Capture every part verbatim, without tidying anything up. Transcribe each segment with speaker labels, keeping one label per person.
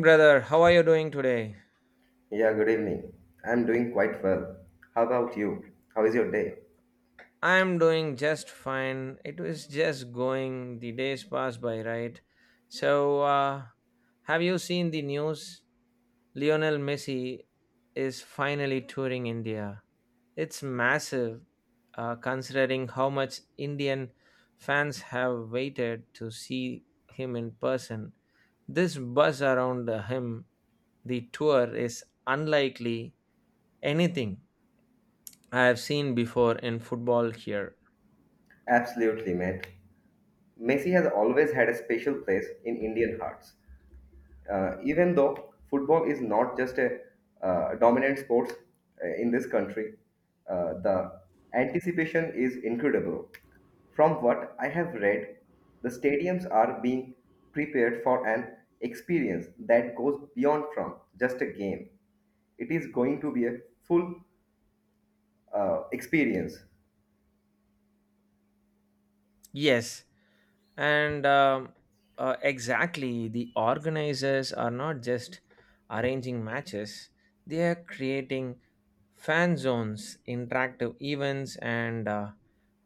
Speaker 1: Brother, how are you doing today?
Speaker 2: Yeah, good evening. I'm doing quite well. How about you? How is your day?
Speaker 1: I'm doing just fine. It was just going, the days pass by, right? So, uh, have you seen the news? Lionel Messi is finally touring India. It's massive, uh, considering how much Indian fans have waited to see him in person. This buzz around uh, him, the tour, is unlikely anything I have seen before in football here.
Speaker 2: Absolutely, mate. Messi has always had a special place in Indian hearts. Uh, even though football is not just a uh, dominant sport uh, in this country, uh, the anticipation is incredible. From what I have read, the stadiums are being prepared for an experience that goes beyond from just a game. It is going to be a full uh, experience.
Speaker 1: Yes, and um, uh, exactly, the organizers are not just arranging matches, they are creating fan zones, interactive events, and uh,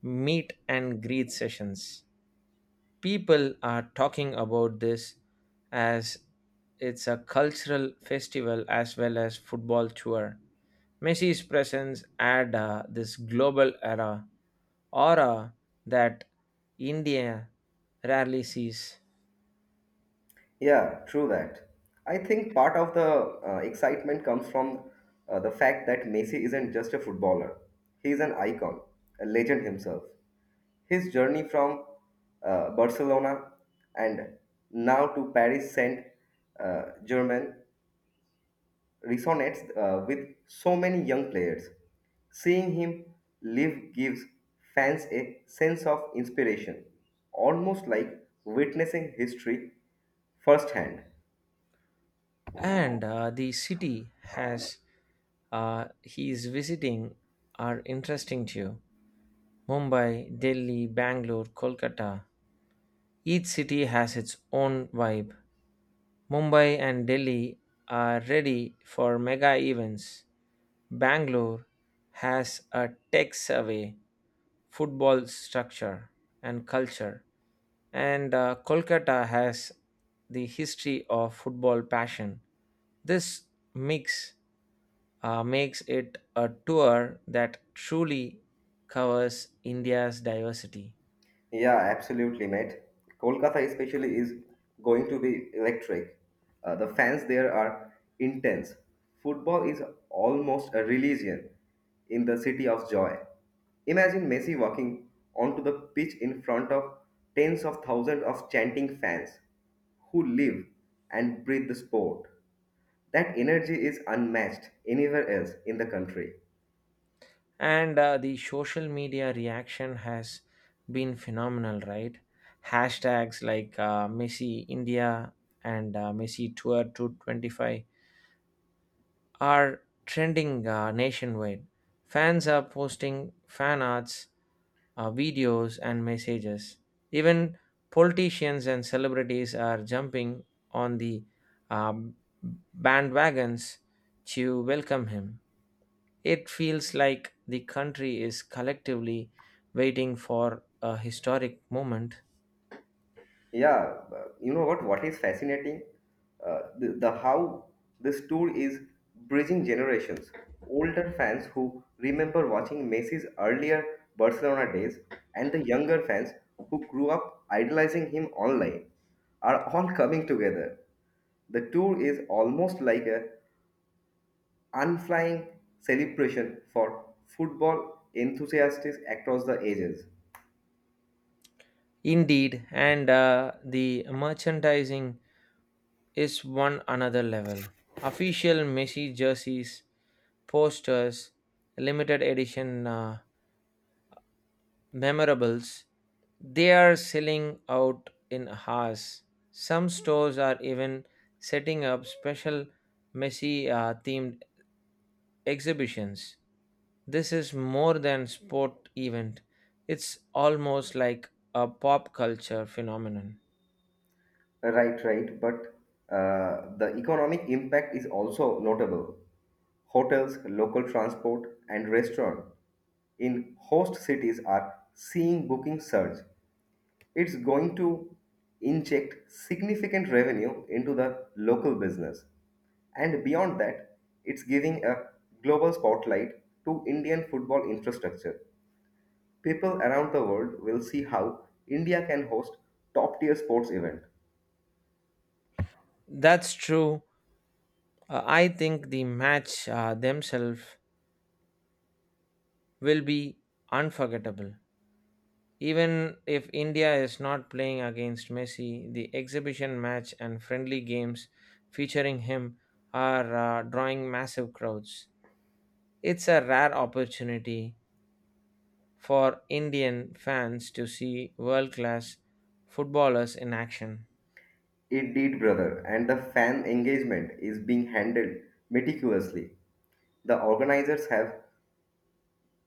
Speaker 1: meet and greet sessions. People are talking about this as it's a cultural festival as well as football tour. Messi's presence add uh, this global era aura that India rarely sees.
Speaker 2: Yeah, true that. I think part of the uh, excitement comes from uh, the fact that Messi isn't just a footballer, he's an icon, a legend himself. His journey from uh, Barcelona and now to Paris Saint uh, Germain resonates uh, with so many young players. Seeing him live gives fans a sense of inspiration, almost like witnessing history firsthand.
Speaker 1: And uh, the city has uh, he is visiting are interesting too. Mumbai, Delhi, Bangalore, Kolkata. Each city has its own vibe. Mumbai and Delhi are ready for mega events. Bangalore has a tech survey football structure and culture. And uh, Kolkata has the history of football passion. This mix uh, makes it a tour that truly covers India's diversity.
Speaker 2: Yeah, absolutely, mate. Kolkata especially is going to be electric. Uh, the fans there are intense. Football is almost a religion in the city of joy. Imagine Messi walking onto the pitch in front of tens of thousands of chanting fans who live and breathe the sport. That energy is unmatched anywhere else in the country.
Speaker 1: And uh, the social media reaction has been phenomenal, right? Hashtags like uh, Messi India and uh, Messi Tour two twenty-five are trending uh, nationwide. Fans are posting fan arts, uh, videos, and messages. Even politicians and celebrities are jumping on the um, bandwagons to welcome him. It feels like the country is collectively waiting for a historic moment.
Speaker 2: Yeah, uh, you know what? What is fascinating? Uh, the, the how this tour is bridging generations. Older fans who remember watching Messi's earlier Barcelona days and the younger fans who grew up idolizing him online are all coming together. The tour is almost like a unflying celebration for football enthusiasts across the ages.
Speaker 1: Indeed, and uh, the merchandising is one another level. Official Messi jerseys posters, limited edition uh, memorables, they are selling out in hours. Some stores are even setting up special Messi uh, themed exhibitions. This is more than sport event. It's almost like a pop culture phenomenon.
Speaker 2: Right, right. But uh, the economic impact is also notable. Hotels, local transport, and restaurant in host cities are seeing booking surge. It's going to inject significant revenue into the local business. And beyond that, it's giving a global spotlight to Indian football infrastructure. People around the world will see how India can host top tier sports event.
Speaker 1: That's true. Uh, I think the match uh, themselves will be unforgettable. Even if India is not playing against Messi, the exhibition match and friendly games featuring him are uh, drawing massive crowds. It's a rare opportunity for Indian fans to see world class footballers in action.
Speaker 2: It did, brother, and the fan engagement is being handled meticulously. The organizers have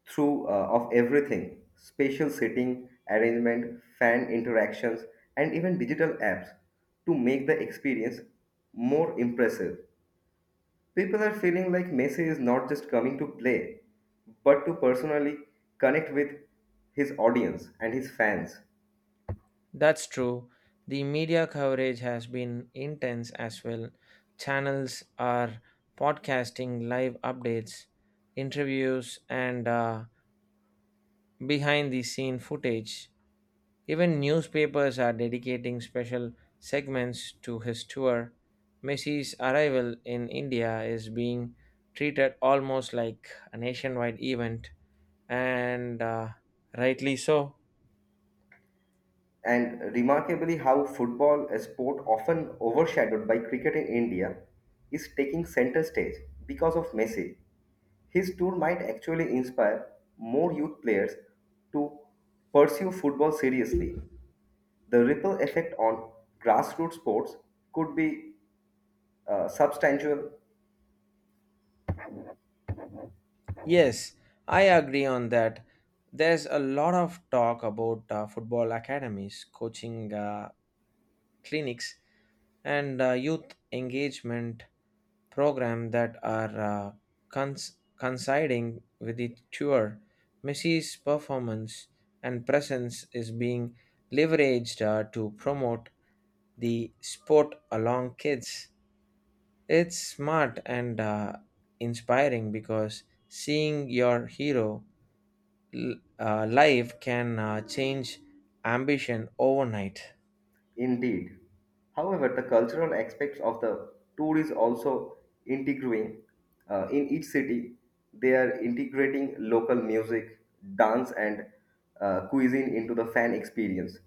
Speaker 2: through uh, of everything: spatial seating arrangement, fan interactions, and even digital apps to make the experience more impressive. People are feeling like Messi is not just coming to play, but to personally connect with his audience and his fans.
Speaker 1: That's true. The media coverage has been intense as well. Channels are podcasting live updates, interviews, and uh, behind the scene footage. Even newspapers are dedicating special segments to his tour. Messi's arrival in India is being treated almost like a nationwide event, and uh, rightly so.
Speaker 2: And remarkably how football, a sport often overshadowed by cricket in India, is taking center stage because of Messi. His tour might actually inspire more youth players to pursue football seriously. The ripple effect on grassroots sports could be uh, substantial.
Speaker 1: Yes, I agree on that. There's a lot of talk about uh, football academies, coaching uh, clinics, and uh, youth engagement program that are uh, cons- coinciding with the tour. Missy's performance and presence is being leveraged uh, to promote the sport along kids. It's smart and uh, inspiring because seeing your hero l- uh, live can uh, change ambition overnight.
Speaker 2: Indeed. However, the cultural aspects of the tour is also integrating. Uh, in each city, they are integrating local music, dance, and uh, cuisine into the fan experience.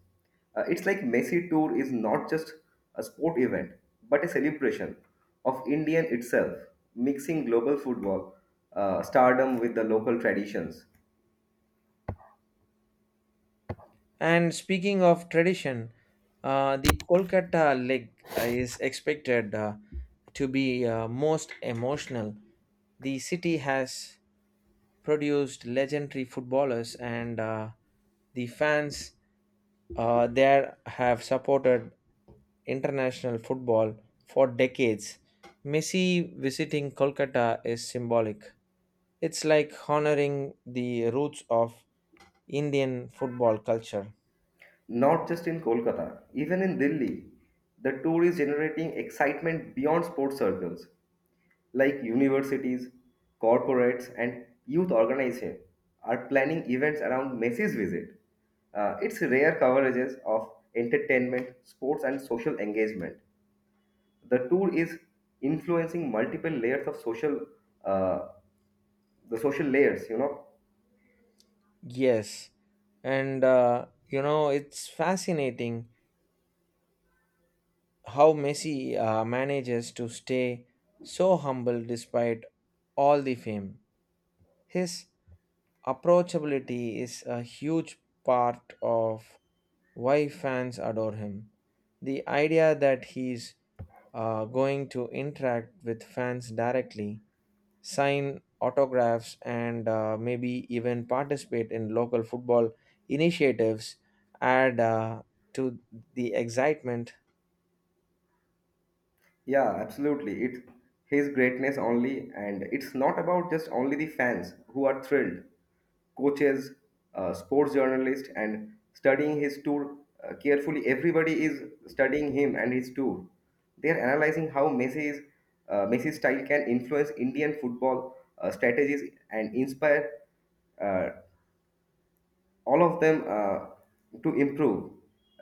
Speaker 2: Uh, it's like Messi Tour is not just a sport event, but a celebration of Indian itself, mixing global football uh, stardom with the local traditions.
Speaker 1: And speaking of tradition, uh, the Kolkata leg uh, is expected uh, to be uh, most emotional. The city has produced legendary footballers, and uh, the fans uh, there have supported international football for decades. Messi visiting Kolkata is symbolic. It's like honoring the roots of Indian football culture.
Speaker 2: Not just in Kolkata, even in Delhi, the tour is generating excitement beyond sports circles, like universities, corporates, and youth organizations are planning events around Messi's visit. Uh, it's rare coverages of entertainment, sports, and social engagement. The tour is influencing multiple layers of social, uh, the social layers, you know.
Speaker 1: Yes, and uh, you know it's fascinating how Messi uh, manages to stay so humble despite all the fame. His approachability is a huge part of why fans adore him. The idea that he's uh, going to interact with fans directly sign autographs, and uh, maybe even participate in local football initiatives add uh, to the excitement.
Speaker 2: Yeah, absolutely. It's his greatness only, and it's not about just only the fans who are thrilled. Coaches, uh, sports journalists, and studying his tour uh, carefully. Everybody is studying him and his tour. They are analyzing how Messi's uh, Messi's style can influence Indian football uh, strategies and inspire uh, all of them uh, to improve.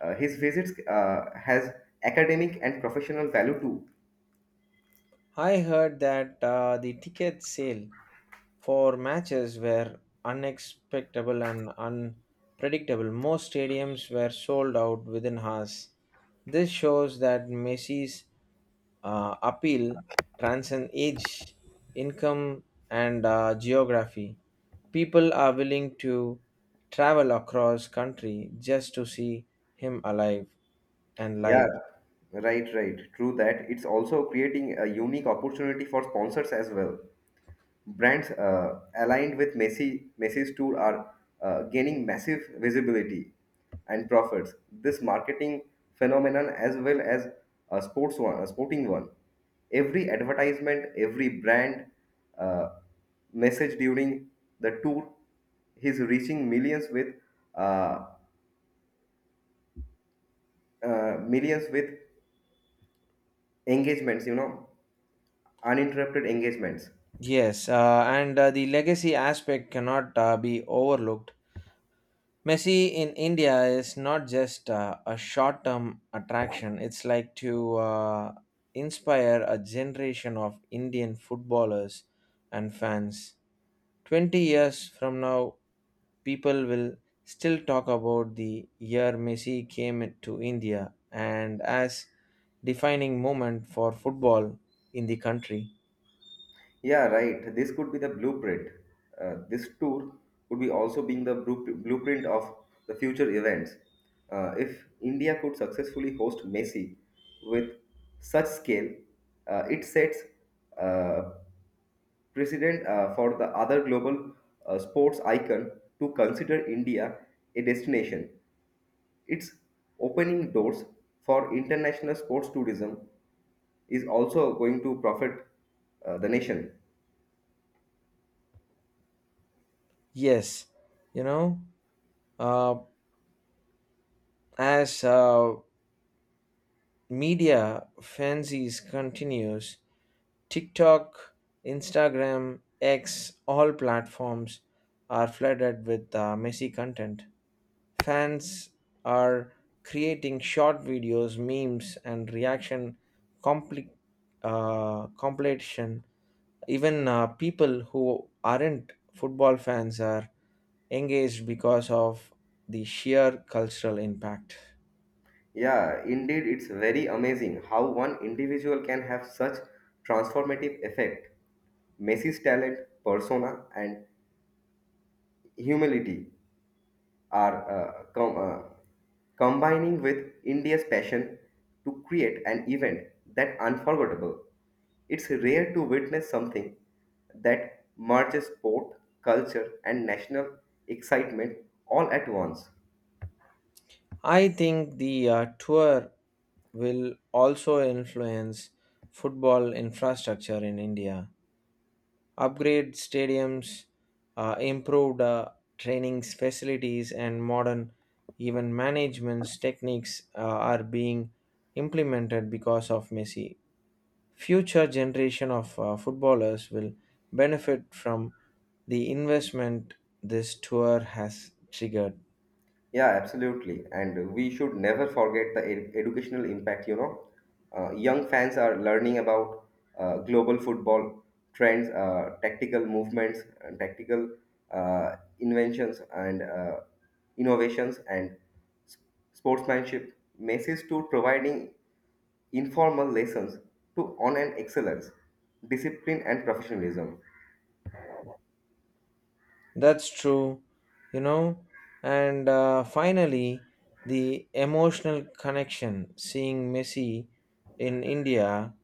Speaker 2: Uh, his visits uh, has academic and professional value too.
Speaker 1: I heard that uh, the ticket sale for matches were unexpectable and unpredictable. Most stadiums were sold out within hours. This shows that Messi's uh, appeal transcend age, income, and uh, geography. People are willing to travel across country just to see him alive and
Speaker 2: Yeah,
Speaker 1: live.
Speaker 2: right, right. True that. It's also creating a unique opportunity for sponsors as well. Brands uh, aligned with Messi Messi's tour are uh, gaining massive visibility and profits. This marketing phenomenon, as well as a sports one, a sporting one. Every advertisement, every brand uh, message during the tour, is reaching millions with uh, uh, millions with engagements. You know, uninterrupted engagements.
Speaker 1: Yes, uh, and uh, the legacy aspect cannot uh, be overlooked. Messi in India is not just uh, a short term attraction, it's like to uh, inspire a generation of Indian footballers and fans. twenty years from now, people will still talk about the year Messi came to India and as defining moment for football in the country.
Speaker 2: Yeah, right. This could be the blueprint. Uh, this tour could be also being the blu- blueprint of the future events. Uh, if India could successfully host Messi with such scale, uh, it sets uh, precedent uh, for the other global uh, sports icon to consider India a destination. It's opening doors for international sports tourism is also going to profit uh, the nation.
Speaker 1: Yes, you know, uh, as uh, media fancies continues, TikTok, Instagram, X, all platforms are flooded with uh, Messi content. Fans are creating short videos, memes, and reaction compli- uh, compilation. Even uh, people who aren't football fans are engaged because of the sheer cultural impact.
Speaker 2: Yeah, indeed, it's very amazing how one individual can have such transformative effect. Messi's talent, persona, and humility are uh, com- uh, combining with India's passion to create an event that unforgettable. It's rare to witness something that merges sport, culture, and national excitement all at once.
Speaker 1: I think the uh, tour will also influence football infrastructure in India. Upgrade stadiums, uh, improved uh, training facilities, and modern even management techniques uh, are being implemented because of Messi. Future generation of uh, footballers will benefit from the investment this tour has triggered.
Speaker 2: Yeah, absolutely. And we should never forget the ed- educational impact, you know. Uh, young fans are learning about uh, global football trends, uh, tactical movements, and tactical uh, inventions and uh, innovations and s- sportsmanship. Message to providing informal lessons to on an excellence, discipline and professionalism.
Speaker 1: That's true, you know. And uh, finally, the emotional connection seeing Messi in India.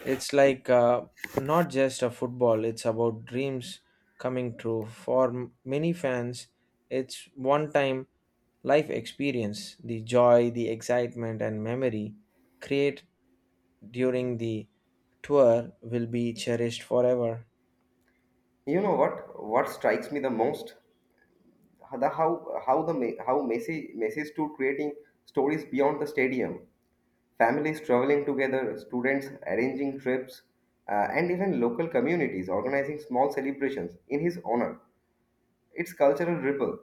Speaker 1: It's like uh, not just a football, it's about dreams coming true. For m- many fans, it's one time life experience. The joy, the excitement, and memory created during the tour will be cherished forever.
Speaker 2: You know what? What strikes me the most? The how how the Me- how Messi Messi's to creating stories beyond the stadium. Families traveling together, students arranging trips, uh, and even local communities organizing small celebrations in his honor. It's cultural ripple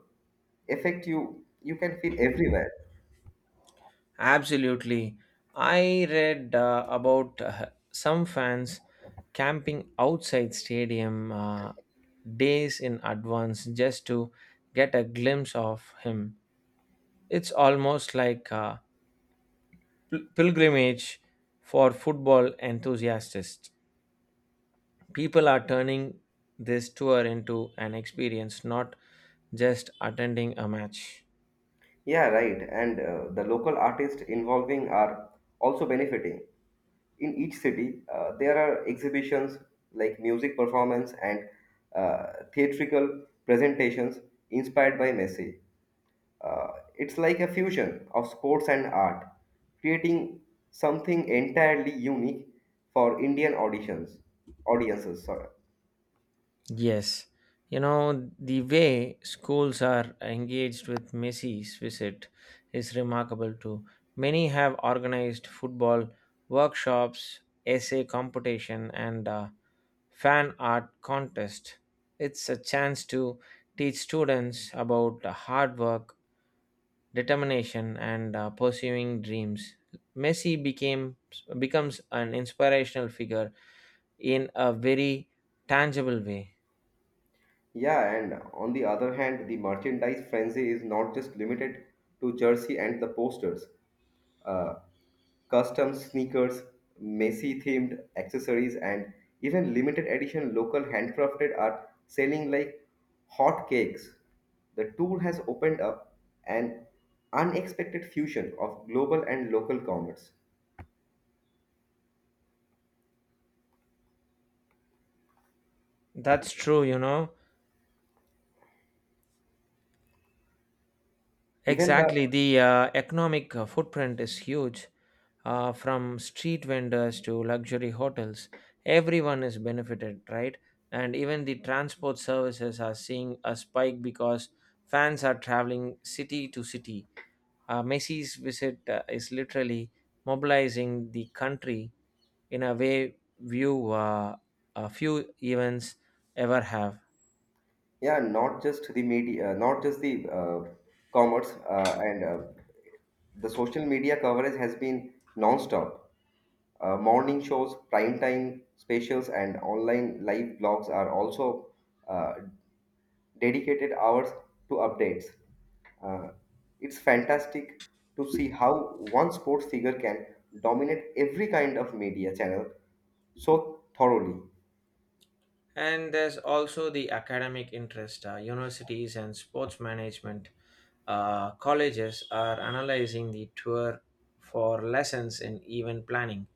Speaker 2: effect you you can feel everywhere.
Speaker 1: Absolutely. I read uh, about uh, some fans camping outside stadium uh, days in advance just to get a glimpse of him. It's almost like a pil- pilgrimage for football enthusiasts. People are turning this tour into an experience, not just attending a match.
Speaker 2: Yeah, right. And uh, the local artists involving are also benefiting. In each city, uh, there are exhibitions like music performance and uh, theatrical presentations inspired by Messi. Uh, it's like a fusion of sports and art, creating something entirely unique for Indian auditions, audiences. Sorry.
Speaker 1: Yes, you know, the way schools are engaged with Messi's visit is remarkable too. Many have organized football workshops, essay competition, and uh, fan art contest. It's a chance to teach students about hard work, determination, and uh, pursuing dreams. Messi became becomes an inspirational figure in a very tangible way.
Speaker 2: Yeah, and on the other hand, the merchandise frenzy is not just limited to jersey and the posters. uh, custom sneakers, Messi themed accessories, and even limited edition local handcrafted art selling like hot cakes. The tour has opened up an unexpected fusion of global and local commerce.
Speaker 1: That's true, you know.
Speaker 2: Even the
Speaker 1: Exactly, the uh, economic uh, footprint is huge. Uh, from street vendors to luxury hotels, everyone is benefited, right? And even the transport services are seeing a spike because fans are traveling city to city. Uh, Messi's visit uh, is literally mobilizing the country in a way few, uh, a few events ever have.
Speaker 2: yeah, not just the media, uh, not just the uh, commerce uh, and uh, the social media coverage has been non-stop. Uh, morning shows, prime time specials, and online live blogs are also uh, dedicated hours to updates. Uh, it's fantastic to see how one sports figure can dominate every kind of media channel so thoroughly.
Speaker 1: And there's also the academic interest. Uh, universities and sports management uh, colleges are analyzing the tour for lessons in event planning,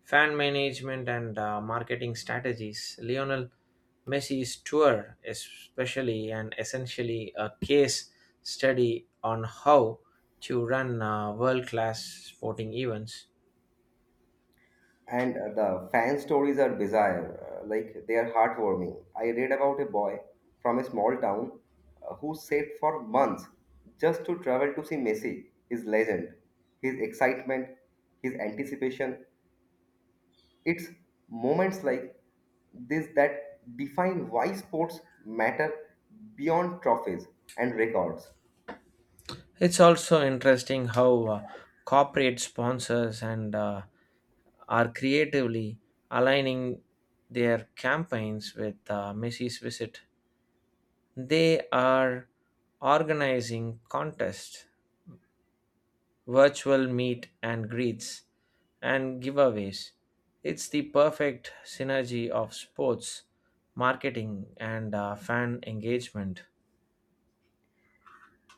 Speaker 1: fan management, and uh, marketing strategies. Lionel Messi's tour, especially and essentially a case study on how to run uh, world class sporting events.
Speaker 2: And uh, the fan stories are bizarre, uh, like they are heartwarming. I read about a boy from a small town uh, who saved for months just to travel to see Messi, his legend, his excitement, his anticipation. It's moments like this that define why sports matter beyond trophies and records.
Speaker 1: It's also interesting how uh, corporate sponsors and uh, are creatively aligning their campaigns with uh, Missy's visit. They are organizing contests, virtual meet and greets, and giveaways. It's the perfect synergy of sports, marketing, and uh, fan engagement.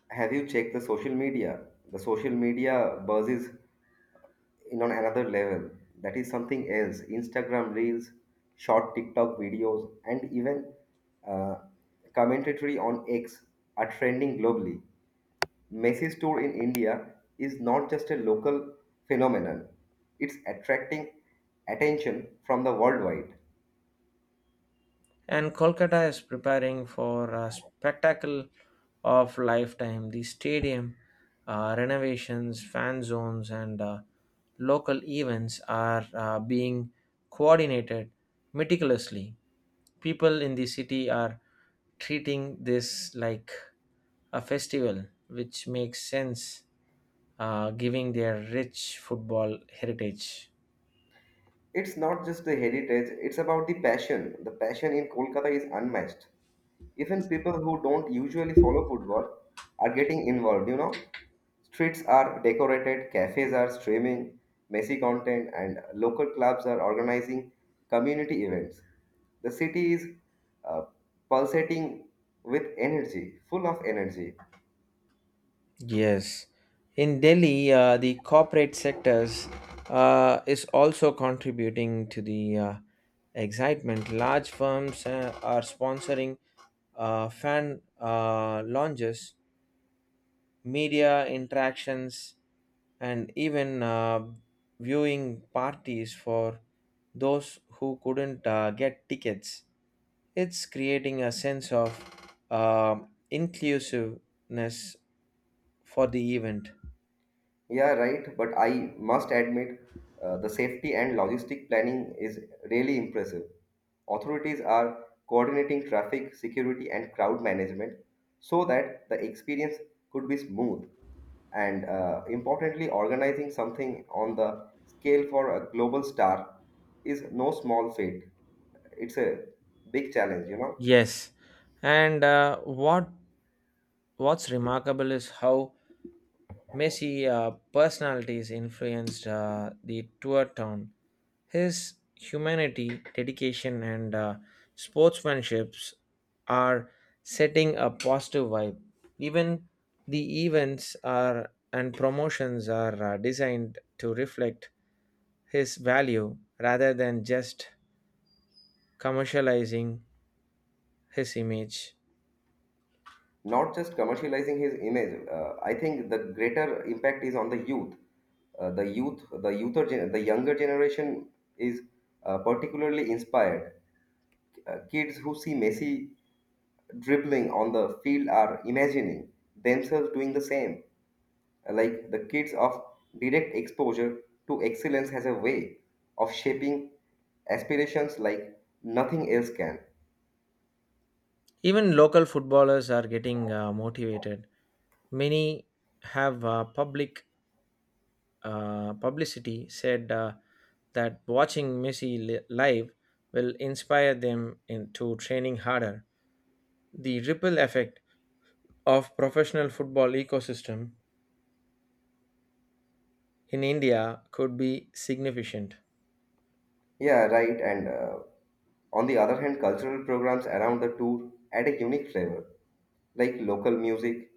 Speaker 2: Have you checked the social media? The social media buzzes in on another level. That is something else. Instagram reels, short TikTok videos, and even uh, commentary on X are trending globally. Messi's tour in India is not just a local phenomenon; it's attracting attention from the worldwide.
Speaker 1: And Kolkata is preparing for a spectacle of lifetime. The stadium uh, renovations, fan zones, and uh, local events are uh, being coordinated meticulously. People in the city are treating this like a festival, which makes sense, uh, giving their rich football heritage.
Speaker 2: It's not just the heritage, it's about the passion. The passion in Kolkata is unmatched. Even people who don't usually follow football are getting involved, you know. Streets are decorated, cafes are streaming messy content, and local clubs are organizing community events. The city is uh, pulsating with energy, full of energy.
Speaker 1: Yes, in Delhi, uh, the corporate sectors uh, is also contributing to the uh, excitement. Large firms uh, are sponsoring uh, fan uh, launches, media interactions, and even uh, viewing parties for those who couldn't uh, get tickets. It's creating a sense of uh, inclusiveness for the event.
Speaker 2: Yeah, right. But I must admit, uh, the safety and logistic planning is really impressive. Authorities are coordinating traffic, security, and crowd management so that the experience could be smooth. And uh, importantly, organizing something on the scale for a global star is no small feat. It's a big challenge, you know.
Speaker 1: Yes, and uh, what what's remarkable is how Messi uh, personalities influenced uh, the tour town. His humanity, dedication, and uh, sportsmanships are setting a positive vibe. Even the events are and promotions are uh, designed to reflect his value rather than just commercializing his image.
Speaker 2: Not just commercializing his image. Uh, I think the greater impact is on the youth. Uh, the youth, the youther, gen- the younger generation is uh, particularly inspired. Uh, kids who see Messi dribbling on the field are imagining themselves doing the same. Uh, Like the kids of direct exposure to excellence has a way of shaping aspirations like nothing else can.
Speaker 1: Even local footballers are getting uh, motivated. Many have uh, public uh, publicity said uh, that watching Messi li- live will inspire them into training harder. The ripple effect of professional football ecosystem in India could be significant.
Speaker 2: Yeah, right. And uh, on the other hand, cultural programs around the tour add a unique flavor, like local music,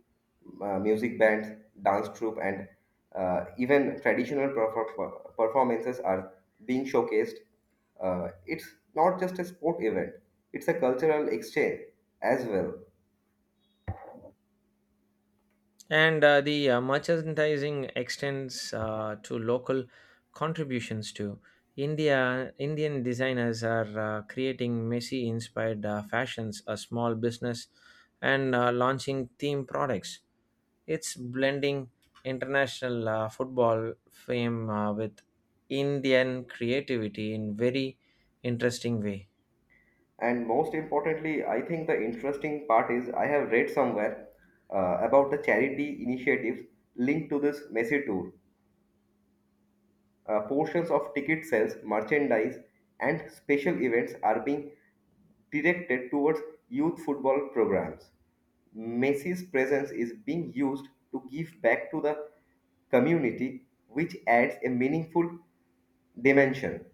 Speaker 2: uh, music bands, dance troupe, and uh, even traditional perfor- performances are being showcased. Uh, it's not just a sport event; it's a cultural exchange as well.
Speaker 1: And uh, the uh, merchandising extends uh, to local contributions too. India Indian designers are uh, creating Messi inspired uh, fashions, a small business, and uh, launching theme products. It's blending international uh, football fame uh, with Indian creativity in very interesting way.
Speaker 2: And most importantly, I think the interesting part is I have read somewhere uh, about the charity initiatives linked to this Messi tour. Uh, portions of ticket sales, merchandise, and special events are being directed towards youth football programs. Messi's presence is being used to give back to the community, which adds a meaningful dimension.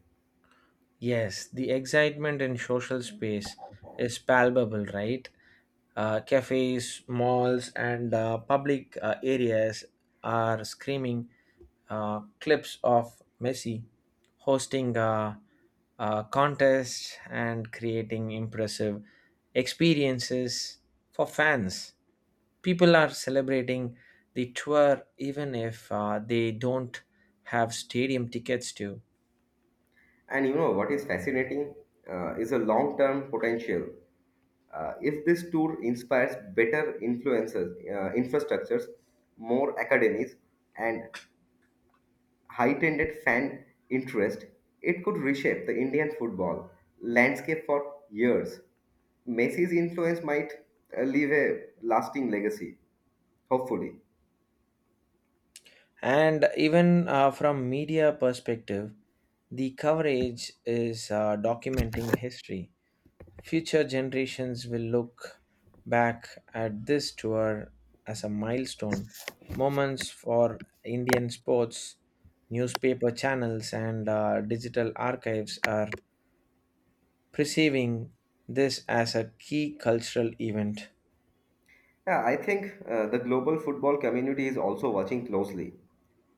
Speaker 1: Yes, the excitement in social space is palpable, right? Uh, cafes, malls, and uh, public uh, areas are screaming uh, clips of Messi hosting a, a contest and creating impressive experiences for fans. People are celebrating the tour even if uh, they don't have stadium tickets to.
Speaker 2: And you know what is fascinating uh, is a long term potential. Uh, if this tour inspires better influences, uh, infrastructures, more academies, and heightened fan interest, it could reshape the Indian football landscape for years. Messi's influence might uh, leave a lasting legacy, hopefully.
Speaker 1: And even uh, from media perspective, the coverage is uh, documenting history. Future generations will look back at this tour as a milestone moments for Indian sports. Newspaper channels and uh, digital archives are perceiving this as a key cultural event.
Speaker 2: Yeah, I think uh, the global football community is also watching closely.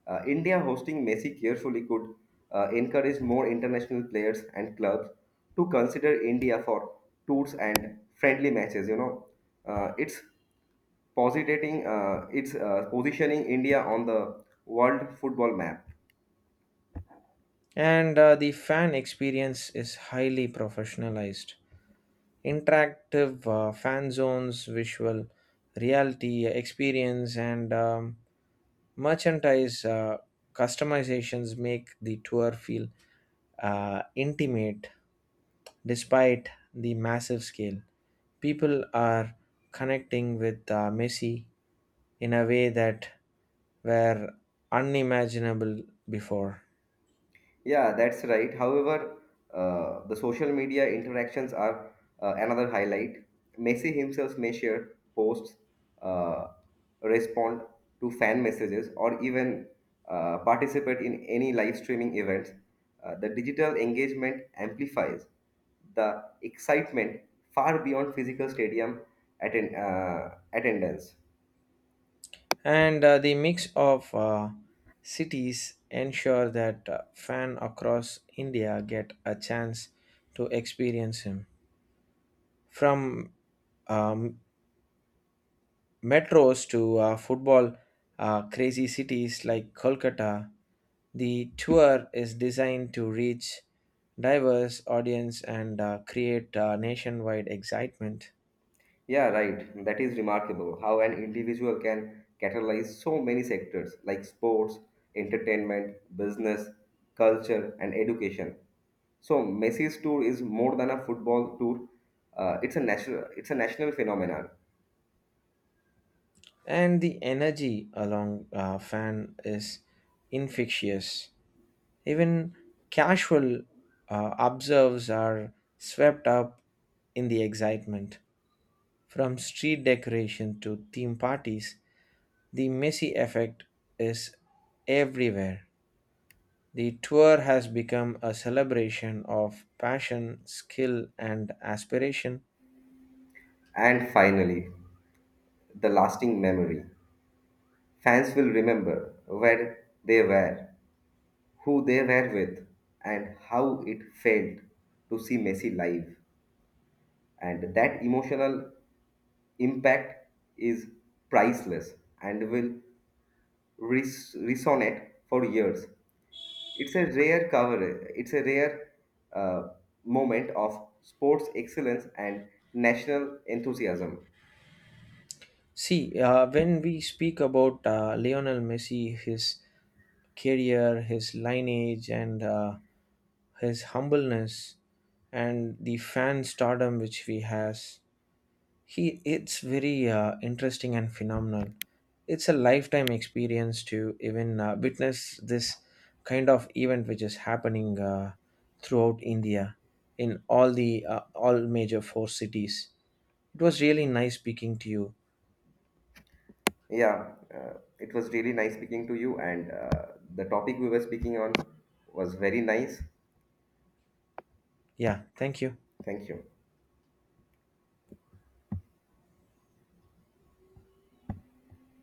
Speaker 2: Uh, India hosting Messi carefully could uh, encourage more international players and clubs to consider India for tours and friendly matches. You know, uh, it's positing, uh, it's uh, positioning India on the world football map.
Speaker 1: And uh, the fan experience is highly professionalized interactive uh, fan zones, visual reality experience, and um, merchandise uh, customizations make the tour feel uh, intimate despite the massive scale. People are connecting with uh, Messi in a way that were unimaginable before.
Speaker 2: Yeah, that's right. However, uh, the social media interactions are uh, another highlight. Messi himself may share posts, uh, respond to fan messages, or even uh, participate in any live streaming events. Uh, the digital engagement amplifies the excitement far beyond physical stadium atten- uh, attendance.
Speaker 1: And uh, the mix of uh, cities ensure that uh, fan across India get a chance to experience him from um, metros to uh, football uh, crazy cities like Kolkata. The tour is designed to reach diverse audience and uh, create uh, nationwide excitement.
Speaker 2: Yeah, right. That is remarkable how an individual can catalyze so many sectors like sports, entertainment, business, culture, and education. So Messi's tour is more than a football tour. Uh, it's a national, it's a national phenomenon.
Speaker 1: And the energy along uh, fan is infectious. Even casual uh, observes are swept up in the excitement. From street decoration to theme parties, the messy effect is everywhere. The tour has become a celebration of passion, skill, and aspiration.
Speaker 2: And finally, the lasting memory. Fans will remember where they were, who they were with, and how it felt to see Messi live. And that emotional impact is priceless and will res- resonate for years. It's a rare cover. It's a rare uh, moment of sports excellence and national enthusiasm.
Speaker 1: See, uh, when we speak about uh, Lionel Messi, his career, his lineage, and uh, his humbleness and the fan stardom which he has he, it's very uh, interesting and phenomenal. It's a lifetime experience to even uh, witness this kind of event which is happening uh, throughout India in all the uh, all major four cities. It was really nice speaking to you.
Speaker 2: Yeah, uh, it was really nice speaking to you, and uh, the topic we were speaking on was very nice.
Speaker 1: Yeah, thank you.
Speaker 2: Thank you.